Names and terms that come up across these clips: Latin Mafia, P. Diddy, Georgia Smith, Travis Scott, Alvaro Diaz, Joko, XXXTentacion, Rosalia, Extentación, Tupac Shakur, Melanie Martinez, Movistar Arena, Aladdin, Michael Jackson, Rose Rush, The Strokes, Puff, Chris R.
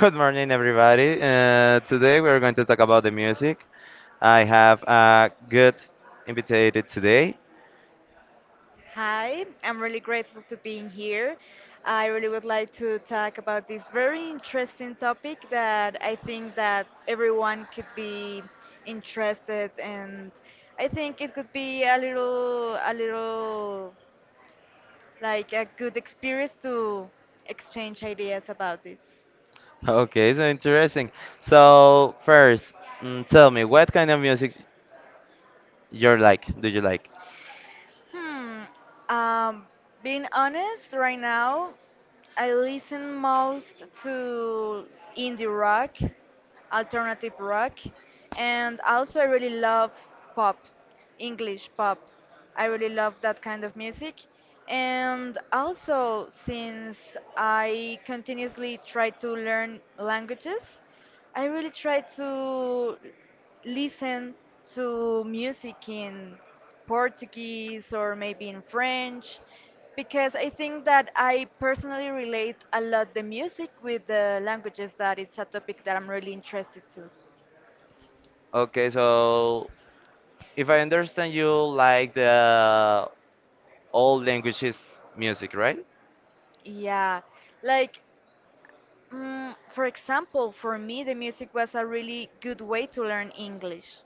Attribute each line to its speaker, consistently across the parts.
Speaker 1: Good morning, everybody. Today we are going to talk about the music. I have a good invited today.
Speaker 2: Hi, I'm really grateful to being here. I really would like to talk about this very interesting topic that I think that everyone could be interested and I think it could be a little like a good experience to exchange ideas about this.
Speaker 1: Okay, so interesting. So first, tell me what kind of music you're like? Do you like?
Speaker 2: Hmm. Um, Being honest, right now, I listen most to indie rock, alternative rock, and also I really love pop, English pop. I really love that kind of music. And also, since I continuously try to learn languages, I really try to listen to music in Portuguese or maybe in French because I think that I personally relate a lot the music with the languages that it's a topic that I'm really interested to.
Speaker 1: Okay, so if I understand, you like the all languages music, right?
Speaker 2: Yeah, like for example, for me, the music was a really good way to learn English.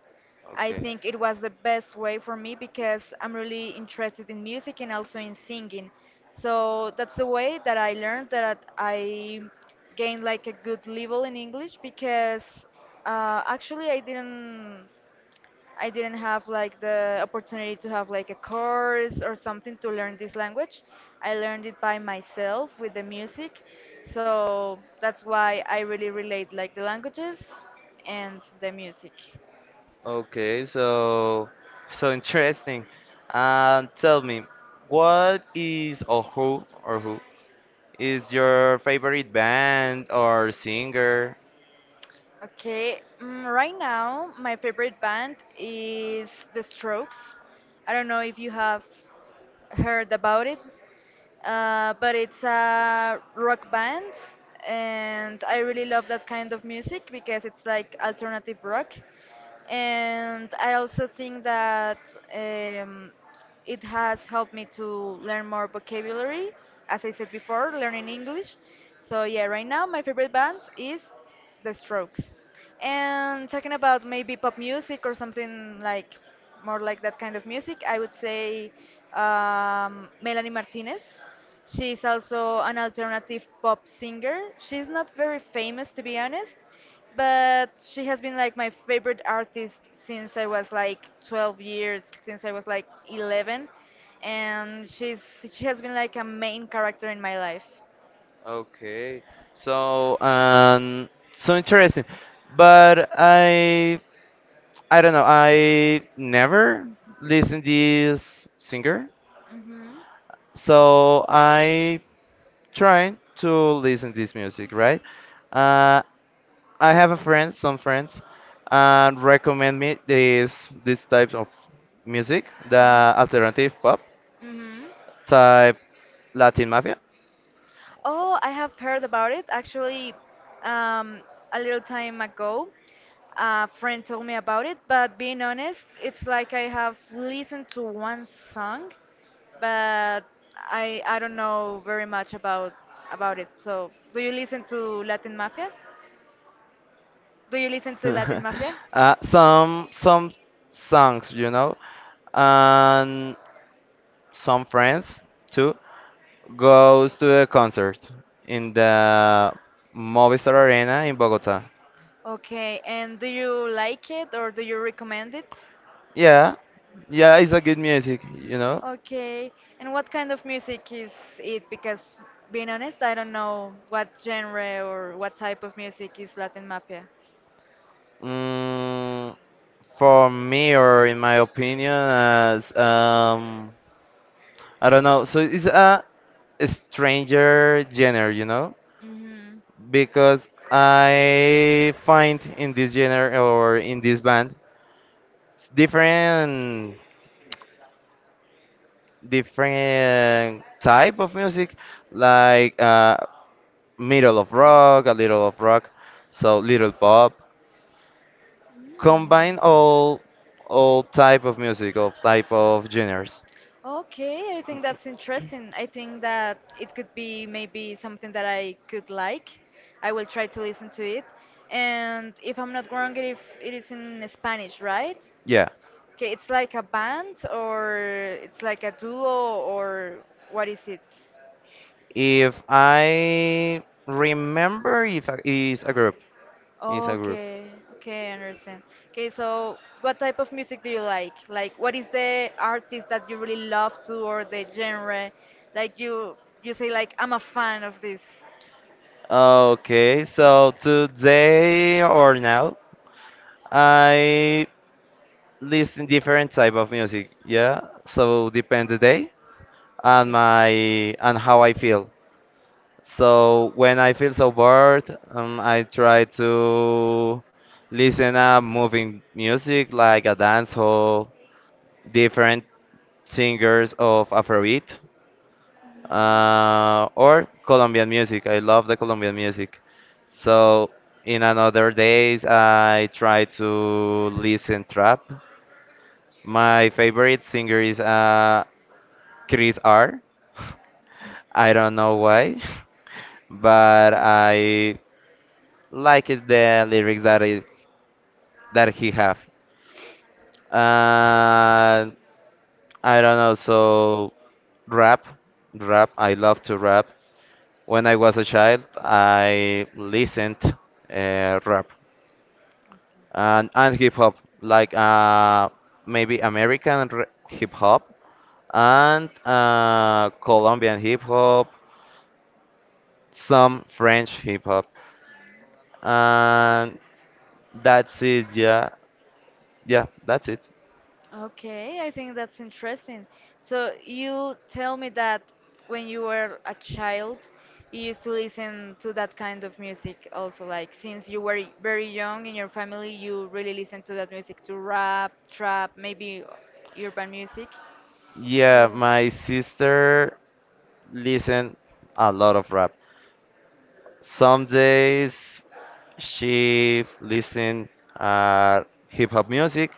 Speaker 2: I
Speaker 1: Okay.
Speaker 2: think it was the best way for me because I'm really interested in music and also in singing. So that's the way that I learned that I gained like a good level in English because actually I didn't have like the opportunity to have like a course or something to learn this language. I learned it by myself with the music. So that's why I really relate like the languages and the music.
Speaker 1: Okay, so interesting. Tell me, what is or who is your favorite band or singer?
Speaker 2: Okay, right now my favorite band is The Strokes. I don't know if you have heard about it. But it's a rock band, and I really love that kind of music because it's like alternative rock. And I also think that um, it has helped me to learn more vocabulary, as I said before, learning English. So, yeah, right now my favorite band is The Strokes. And talking about maybe pop music or something like more like that kind of music, I would say Melanie Martinez. She's also an alternative pop singer. She's not very famous, to be honest, but she has been like my favorite artist since I was like 12 years, since I was like 11, and she has been like a main character in my life.
Speaker 1: Okay, so interesting. But I don't know. I never listened this singer,
Speaker 2: Mhm.
Speaker 1: so I try to listen this music, right? Uh, I have a friend, some friends, and recommend me this types of music, the alternative pop
Speaker 2: Mhm.
Speaker 1: type, Latin Mafia.
Speaker 2: Oh, I have heard about it. Actually, um, a little time ago, a friend told me about it, but being honest, it's like I have listened to one song, but I don't know very much about it. So, do you listen to Latin Mafia? Do you listen to Latin Mafia?
Speaker 1: Some songs, you know, and some friends too goes to a concert in the Movistar Arena in Bogota.
Speaker 2: Okay, and do you like it or do you recommend it?
Speaker 1: Yeah, yeah, it's a good music, you know.
Speaker 2: Okay, and what kind of music is it? Because being honest, I don't know what genre or what type of music is Latin Mafia.
Speaker 1: Mm, for me or in my opinion as I don't know, so it's a stranger genre,
Speaker 2: Mm-hmm.
Speaker 1: because I find in this genre or in this band s- different different type of music, like middle of rock a little of rock, so little pop,
Speaker 2: Mm.
Speaker 1: combine all type of music of type of genres.
Speaker 2: Okay, I think that's interesting. I think that it could be maybe something that I could like. I will try to listen to it. And if I'm not wrong, if it is in Spanish, right?
Speaker 1: Yeah.
Speaker 2: Okay, it's like a band or it's like a duo or what is it?
Speaker 1: If I remember, if I, is a group, is a group.
Speaker 2: Okay, okay, I understand. Okay, so what type of music do you like? Like, what is the artist that you really love to, or the genre? Like you say like I'm a fan of this.
Speaker 1: Okay, so today or now, I listen different type of music. Yeah, so depend the day
Speaker 2: Okay.
Speaker 1: and how I feel. So when I feel so bored, I try to listen a moving music like a dancehall, different singers of Afrobeat. Or Colombian music. I love the Colombian music. So in another days, I try to listen trap. My favorite singer is Chris R. I don't know why, but I like it, the lyrics that he have. Uh, I don't know. So rap, rap. I love to rap. When I was a child, I listened rap
Speaker 2: Okay.
Speaker 1: and hip hop, like maybe American hip hop and Colombian hip hop, some French hip hop, and that's it. Yeah, yeah, that's it.
Speaker 2: Okay, I think that's interesting. So you tell me that when you were a child, you used to listen to that kind of music also, like since you were very young in your family, you really listened to that music, to rap, trap, maybe urban music.
Speaker 1: Yeah,
Speaker 2: Yeah.
Speaker 1: my sister listened a lot of rap. Some days she listened uh, hip hop music,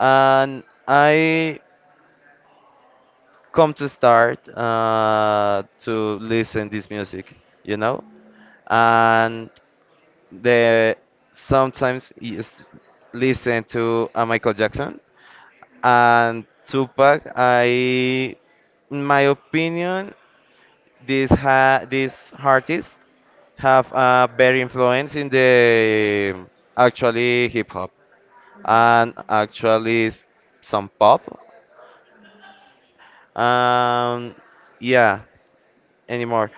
Speaker 1: and I come to start to listen this music, you know, and the sometimes is listen to Michael Jackson and Tupac. I, in my opinion, these artists have a very influence in the actually hip hop
Speaker 2: Mm.
Speaker 1: and actually some pop. Um, yeah, anymore.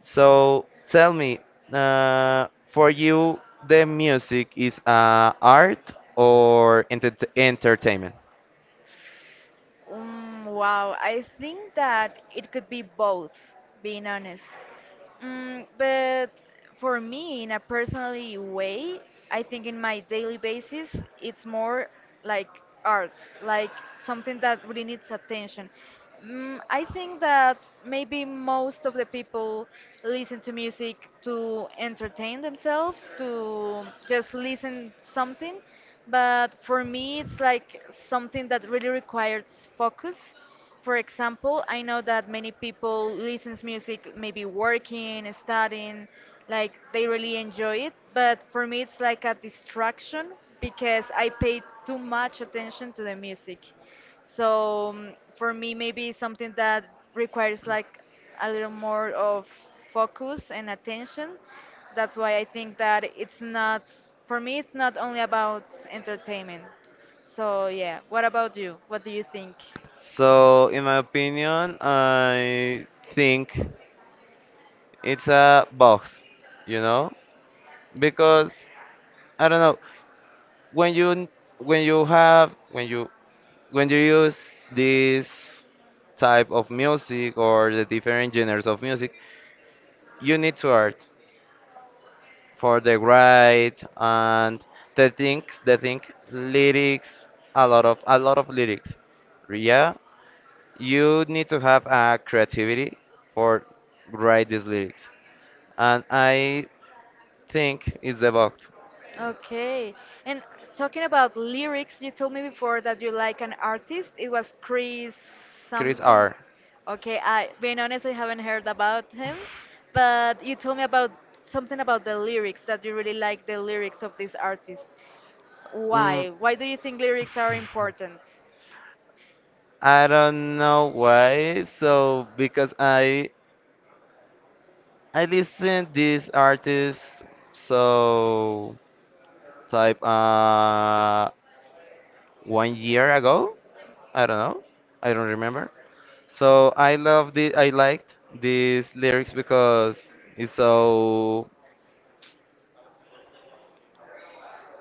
Speaker 1: So tell me, for you, the music is art or entertainment?
Speaker 2: Wow, I think that it could be both, being honest. But for me, in a personally way, I think in my daily basis, it's more like art, like something that really needs attention. I think that maybe most of the people listen to music to entertain themselves, to just listen something. But for me, it's like something that really requires focus for example, I know that many people listens music maybe working, studying, like they really enjoy it, but for me it's like a distraction because I pay too much attention to the music. So for me maybe it's something that requires like a little more of focus and attention. That's why I think that it's not for me it's not only about entertainment. So yeah, what about you? What do you think?
Speaker 1: So, in my opinion, I think it's a both, you know, because I don't know when you when you have when you use this type of music or the different genres of music, you need to art for the right and the thing lyrics, a lot of lyrics. Yeah, you need to have a creativity for write these lyrics, and I think it's about
Speaker 2: Okay. And talking about lyrics, you told me before that you like an artist. It was Chris
Speaker 1: Chris
Speaker 2: something.
Speaker 1: R.
Speaker 2: Okay, I being honest, I haven't heard about him, but you told me about something about the lyrics that you really like the lyrics of this artist.
Speaker 1: mm,
Speaker 2: Why? Why do you think lyrics are important?
Speaker 1: I don't know why so because I listen this artist so type 1 year ago. I don't know, I don't remember. So I liked these lyrics because it's so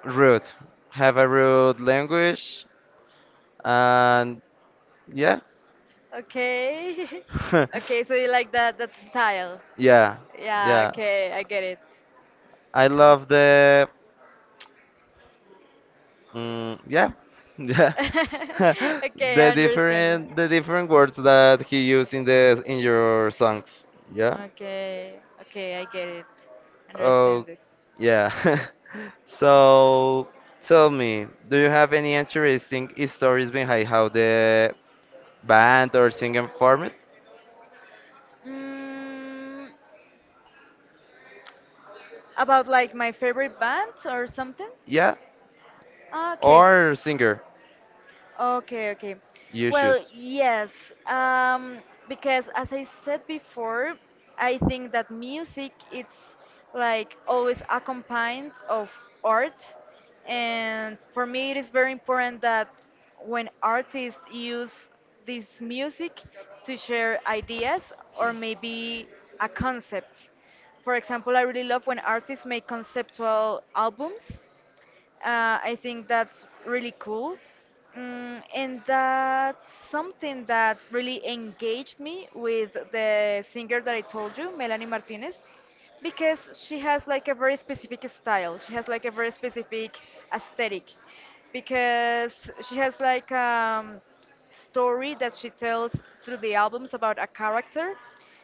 Speaker 1: rude. Have a rude language and yeah.
Speaker 2: Okay. Okay, so you like that style.
Speaker 1: Yeah.
Speaker 2: Yeah,
Speaker 1: Yeah.
Speaker 2: okay, I get it.
Speaker 1: I
Speaker 2: Okay.
Speaker 1: love the Mm, yeah. Yeah.
Speaker 2: Okay,
Speaker 1: the
Speaker 2: I understand.
Speaker 1: different the different words that he used in the in your songs. Yeah.
Speaker 2: Okay, okay, I get it.
Speaker 1: Oh,
Speaker 2: Understand it.
Speaker 1: yeah. So tell me, do you have any interesting stories behind how the band or singing formed?
Speaker 2: Mm, about like my favorite band or something?
Speaker 1: Yeah,
Speaker 2: Ah, okay.
Speaker 1: or singer?
Speaker 2: Okay, okay.
Speaker 1: You
Speaker 2: Well,
Speaker 1: shoes.
Speaker 2: yes, um, because as I said before, I think that music it's like always accompanied of art, and for me it is very important that when artists use this music to share ideas or maybe a concept. For example, I really love when artists make conceptual albums I think that's really cool. And that's something that really engaged me with the singer that I told you, Melanie Martinez because she has like a very specific style. She has like a very specific aesthetic because she has like story that she tells through the albums about a character.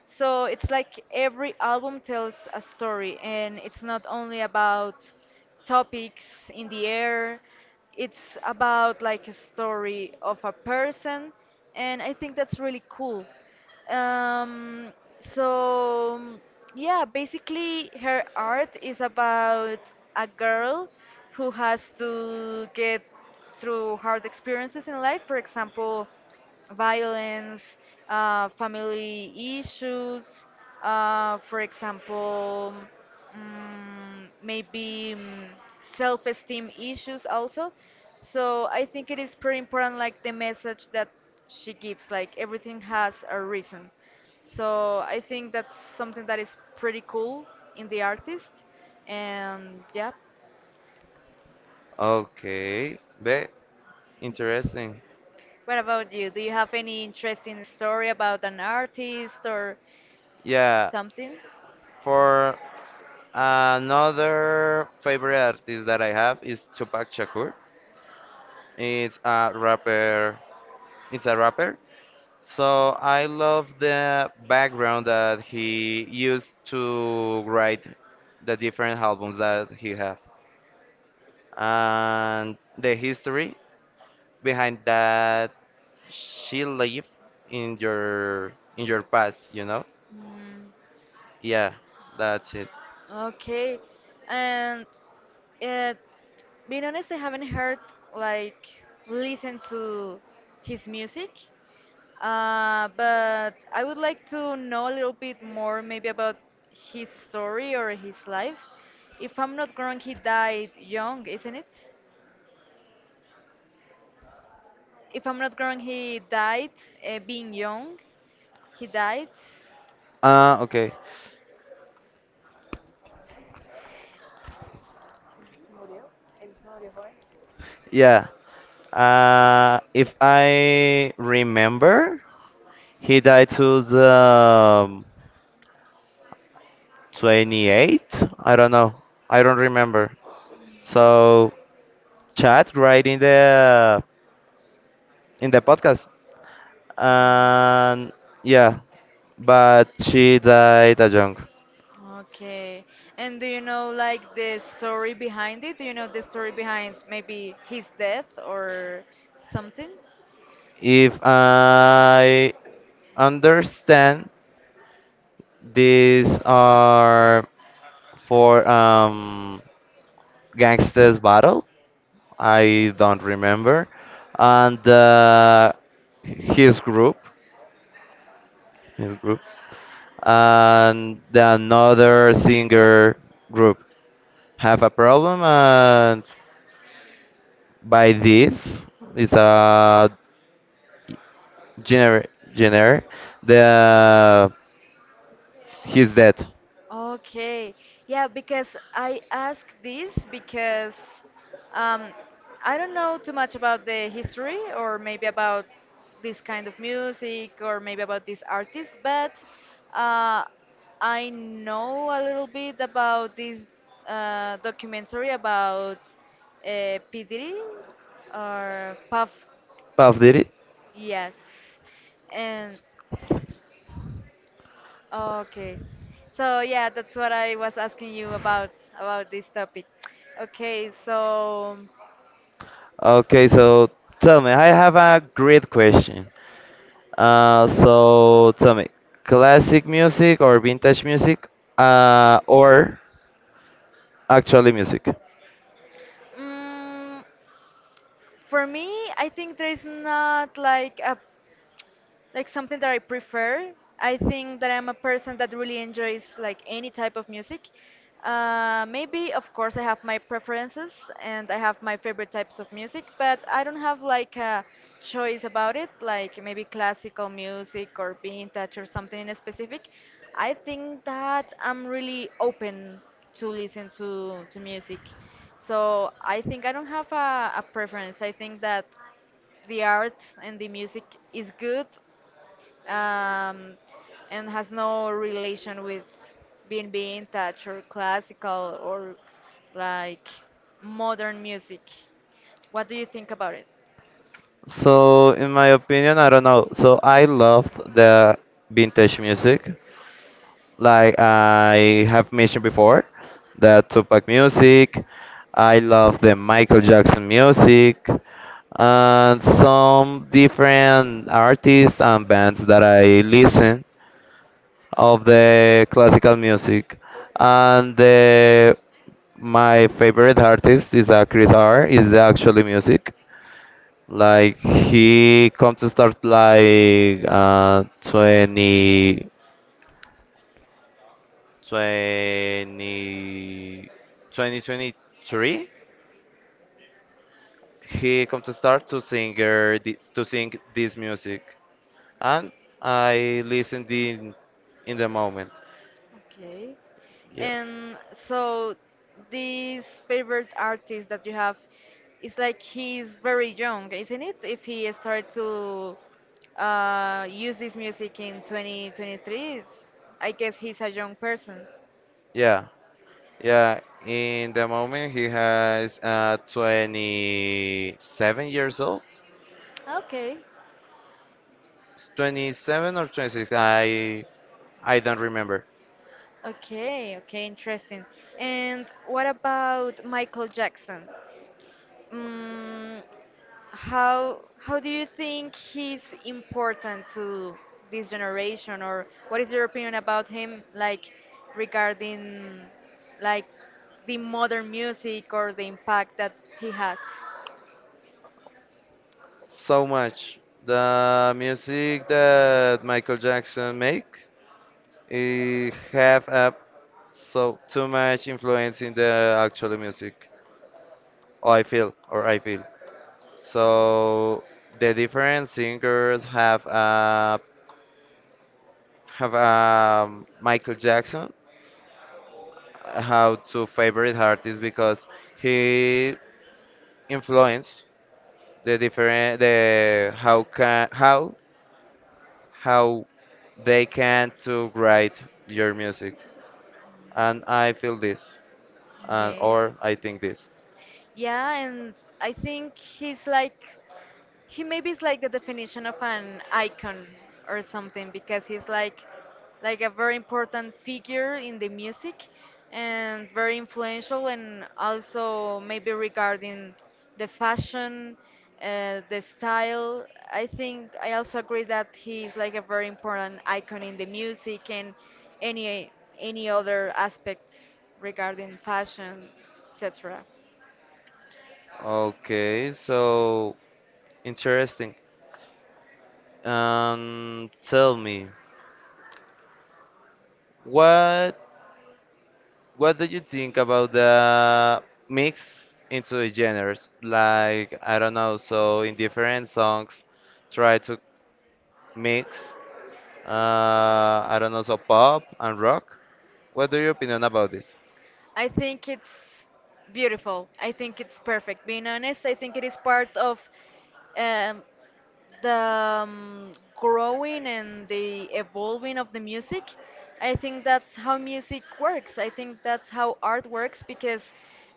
Speaker 2: So it's like every album tells a story and it's not only about topics in the air. It's about like a story of a person and I think that's really cool um, so yeah, basically her art is about a girl who has to get through hard experiences in life. For example, violence, family issues, for example, mm, maybe mm, self-esteem issues also. So I think it is pretty important, like the message that she gives, like everything has a reason. So I think that's something that is pretty cool in the artist, and yeah.
Speaker 1: Okay, but interesting.
Speaker 2: What about you? Do you have any interesting story about an artist or
Speaker 1: Yeah.
Speaker 2: something?
Speaker 1: for Another favorite artist that I have is Tupac Shakur. It's a rapper. It's a rapper. So I love the background that he used to write the different albums that he have and the history behind that she lived in your past, you know?
Speaker 2: Mm,
Speaker 1: Yeah, that's it.
Speaker 2: okay. And uh, being honest, I haven't heard like listen to his music. But I would like to know a little bit more maybe about his story or his life. If I'm not wrong, he died young, isn't it? If I'm not wrong, he died being young. He died.
Speaker 1: Ah, okay. Yeah. If I remember, he died to the 28. I don't know. I don't remember. So chat right in the podcast. And yeah, but she died a young.
Speaker 2: Okay. And do you know like the story behind it? Do you know the story behind maybe his death or something?
Speaker 1: If I understand, these are for gangsters battle. I don't remember. And his group, his group, and the another singer group have a problem, and by this, it's a gener gener the he's dead.
Speaker 2: Okay. Yeah, because I ask this because um, I don't know too much about the history or maybe about this kind of music or maybe about this artist, but uh, I know a little bit about this documentary about P. Diddy or Puff.
Speaker 1: Puff did it.
Speaker 2: Yes. And Okay. So yeah, that's what I was asking you about this topic. Okay, so
Speaker 1: Okay, so tell me, I have a great question. So tell me, classic music or vintage music, or actually music?
Speaker 2: mm, for me, I think there's not like a like something that I prefer. I think that I'm a person that really enjoys like any type of music. Maybe, of course, I have my preferences and I have my favorite types of music, but I don't have like a choice about it, like maybe classical music or vintage or something in specific. I think that I'm really open to listen to music. So I think I don't have a preference. I think that the art and the music is good um, and has no relation with being touch or classical or like modern music. What do you think about it?
Speaker 1: So in my opinion, I don't know. So I loved the vintage music, like I have mentioned before, the Tupac music. I love the Michael Jackson music, and some different artists and bands that I listen of the classical music. And my favorite artist is Chris R. Is actually music. Like he come to start like 20, 2023. He come to start to sing this music, and I listen the moment.
Speaker 2: Okay.
Speaker 1: Yeah.
Speaker 2: And so this favorite artist that you have is like he's very young, isn't it? If he started to use this music in 2023, it's- I guess he's a young person.
Speaker 1: Yeah. Yeah. In the moment, he has 27 years old.
Speaker 2: Okay.
Speaker 1: 27 or 26. I don't remember.
Speaker 2: Okay, okay, interesting. And what about Michael Jackson? Mm, how do you think he's important to this generation, or what is your opinion about him, like regarding like the modern music or the impact that he has?
Speaker 1: So much. The music that Michael Jackson make it have a so too much influence in the actual music. Oh, I feel or I feel. So the different singers have Michael Jackson how to favorite artists because he influenced the different the how they can to write your music, and I feel this and
Speaker 2: Okay.
Speaker 1: or I think this.
Speaker 2: Yeah, and I think he's like he maybe is like the definition of an icon or something because he's like a very important figure in the music and very influential and also maybe regarding the fashion the style I think I also agree that he's like a very important icon in the music and any any other aspects regarding fashion etc.
Speaker 1: Okay, so interesting. Tell me what what do you think about the mix into the genres? Like, I don't know, so in different songs, try to mix, uh, I don't know, so pop and rock. What do your opinion about this?
Speaker 2: I think it's beautiful. I think it's perfect. Being honest, I think it is part of um, the growing and the evolving of the music. I think that's how music works. I think that's how art works, because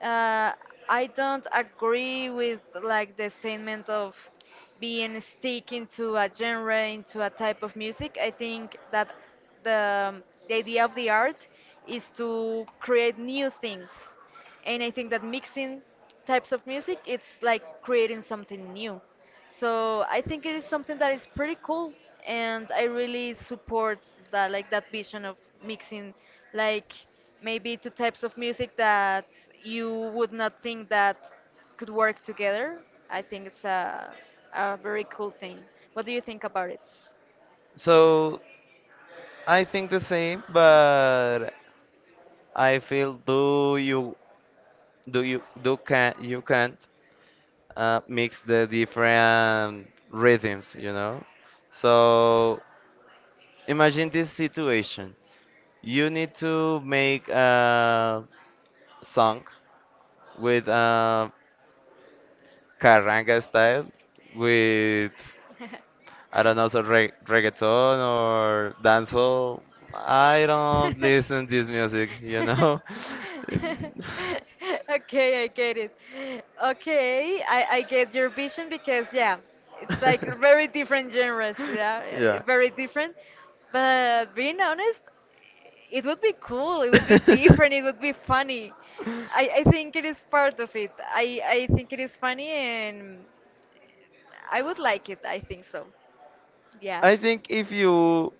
Speaker 2: uh, I don't agree with like the statement of being stick into a genre, into a type of music. I think that the the idea of the art is to create new things, and I think that mixing types of music it's like creating something new. So I think it is something that is pretty cool, and I really support that, like that vision of mixing, like maybe two types of music that you would not think that could work together. I think it's a very cool thing. What do you think about it?
Speaker 1: So, I think the same, but I feel do you do you do can you can't mix the different rhythms, you know? So, imagine this situation. You need to make a song with carranga style, with I don't know, so re reggaeton or dancehall. I don't listen this music, you know. Mm.
Speaker 2: Okay, I get it. Okay, I get your vision because yeah, it's like very different genres, yeah, eh,
Speaker 1: Yeah.
Speaker 2: very different. But being honest, it would be cool, it would be different, it would be funny. I think it is part of it. I think it is funny and I would like it, I think so. Yes.
Speaker 1: I think if you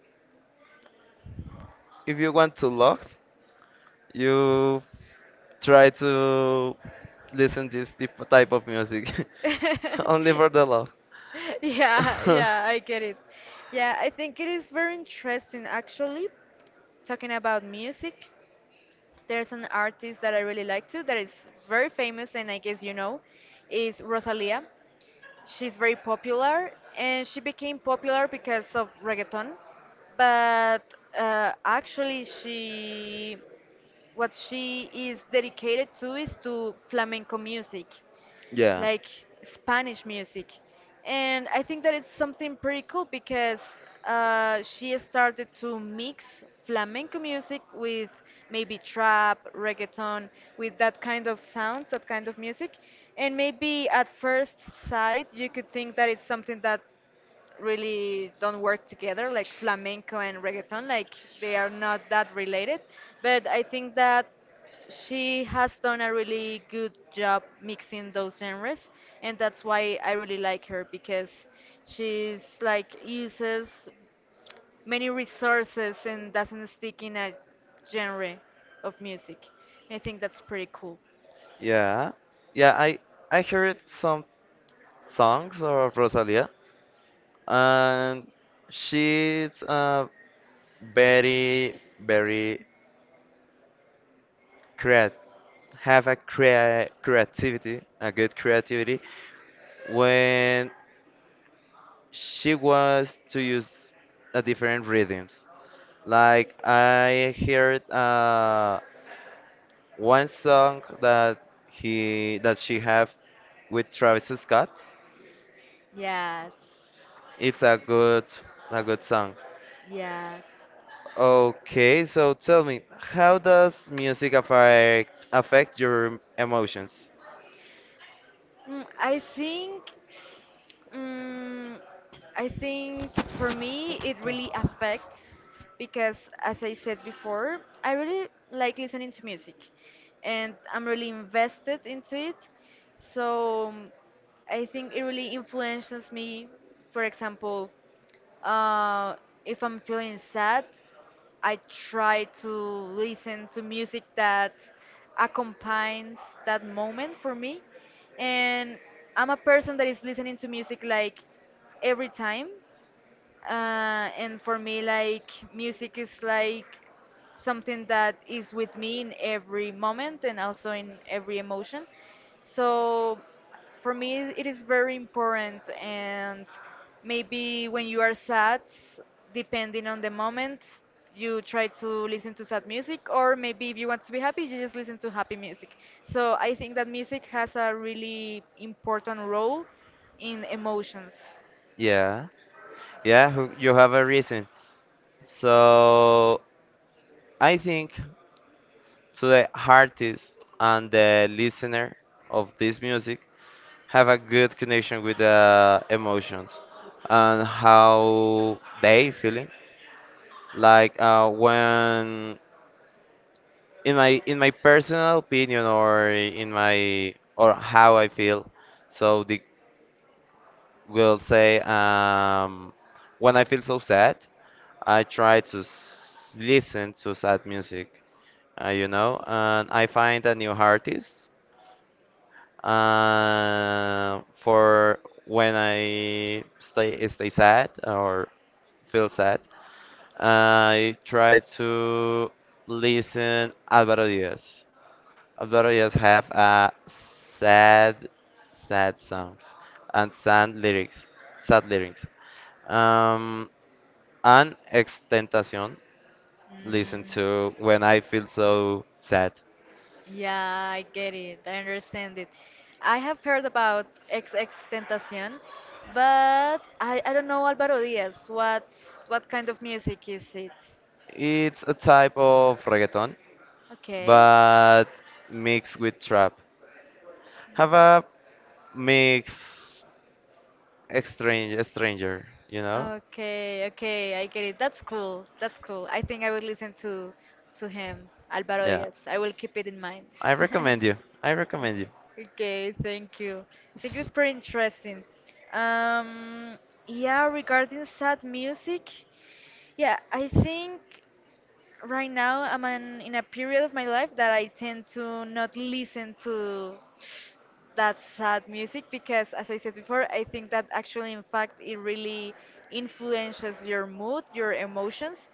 Speaker 1: if you want to love, you try to listen this type of music only for the love.
Speaker 2: Yeah, yeah, I get it. Yeah, I think it is very interesting actually. Talking about music, there's an artist that I really like too, that is very famous and I guess you know, is Rosalia. She's very popular and she became popular because of reggaeton, but actually she, what she is dedicated to is to flamenco music,
Speaker 1: yeah.
Speaker 2: like Spanish music. And I think that it's something pretty cool because she started to mix flamenco music with maybe trap, reggaeton, with that kind of sounds, that kind of music. And maybe at first sight, you could think that it's something that really don't work together, like flamenco and reggaeton, like they are not that related. But I think that she has done a really good job mixing those genres, and that's why I really like her, because she's like uses many resources and doesn't stick in a genre of music. I think that's pretty cool.
Speaker 1: Yeah, yeah. I heard some songs of Rosalia, and she's very very creat have a creativity, a good creativity when she was to use a different rhythms. Like I heard one song that she have with Travis Scott.
Speaker 2: Yes.
Speaker 1: It's a good song.
Speaker 2: Yes.
Speaker 1: Okay, so tell me, how does music affect your emotions?
Speaker 2: Mm, I think. Mm, I think for me it really affects, because, as I said before, I really like listening to music and I'm really invested into it. So I think it really influences me, for example. Uh, if I'm feeling sad, I try to listen to music that accompanies that moment for me. And I'm a person that is listening to music like every time, and for me like music is like something that is with me in every moment and also in every emotion. So for me it is very important, and maybe when you are sad, depending on the moment, you try to listen to sad music, or maybe if you want to be happy you just listen to happy music. So I think that music has a really important role in emotions.
Speaker 1: Yeah, yeah, you have a reason. So I think to the artist and the listener of this music, have a good connection with the emotions and how they feeling, like when in my personal opinion or in my or how I feel. So the will say, when I feel so sad, I try to listen to sad music. And I find a new artist for when I stay sad or feel sad. I try to listen Alvaro Diaz. Alvaro Diaz have sad, sad songs and sad lyrics. Um, and Extentación listen
Speaker 2: Mm.
Speaker 1: to when I feel so sad.
Speaker 2: Yeah, I get it. I understand it. I have heard about X X Tentacion, but I don't know Alvaro Diaz. What kind of music is it?
Speaker 1: It's a type of reggaeton,
Speaker 2: Okay.
Speaker 1: but mixed with trap. Have a mix stranger, you know?
Speaker 2: Okay, okay, I get it. That's cool. That's cool. I think I will listen to him, Alvaro
Speaker 1: Yeah.
Speaker 2: Diaz. I will keep it in mind.
Speaker 1: I recommend you. I recommend you.
Speaker 2: Okay, thank you. I think
Speaker 1: S-
Speaker 2: it's pretty interesting. Um, yeah, regarding sad music, yeah, I think right now I'm an, in a period of my life that I tend to not listen to that sad music, because as I said before, I think that actually in fact it really influences your mood, your emotions.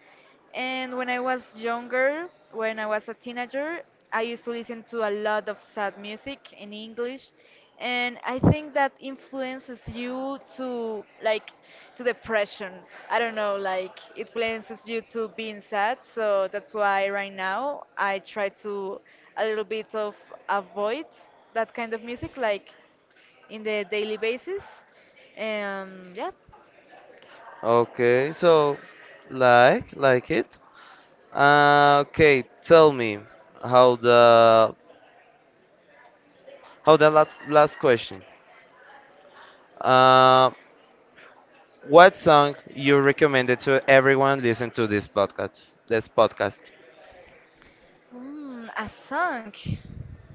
Speaker 2: And when I was younger, when I was a teenager, I used to listen to a lot of sad music in English, and I think that influences you to like to depression. I don't know, like it influences you to being sad. So that's why right now I try to a little bit of avoid that kind of music, like in the daily basis. Yeah.
Speaker 1: Okay, so like it. Okay, tell me how the how the last question. Uh, what song you recommended to everyone listen to this podcast?
Speaker 2: Mm, a song,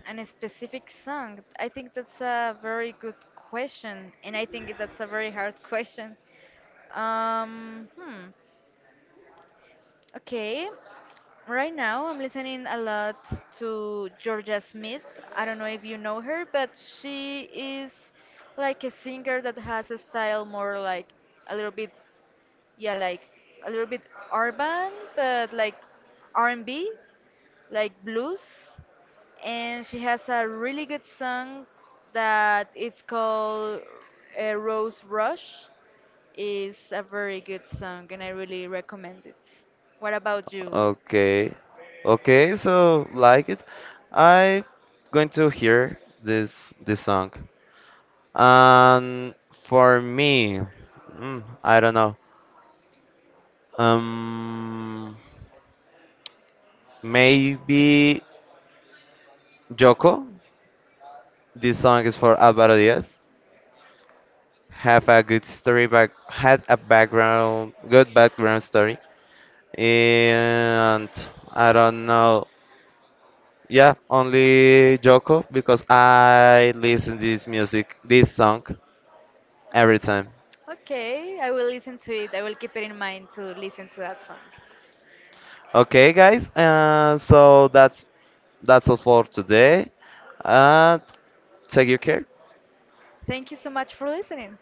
Speaker 2: an specific song. I think that's a very good question, and I think that's a very hard question. Um, hmm. Okay. Right now, I'm listening a lot to Georgia Smith. I don't know if you know her, but she is like a singer that has a style more like a little bit, yeah, like a little bit urban, but like R&B, like blues, and she has a really good song that it's called Rose Rush. Is a very good song and I really recommend it. What about you?
Speaker 1: Okay. Okay, so like it. I going to hear this song. And for me, I don't know. Um, Maybe Joko. This song is for Alvaro Diaz. Have a good story back. Had a background, good background story. And I don't know. Yeah, only Joko because I listen this music, this song every time.
Speaker 2: Okay, I will listen to it. I will keep it in mind to listen to that song.
Speaker 1: Okay, guys. So that's all for today. Uh, Take your care.
Speaker 2: Thank you so much for listening.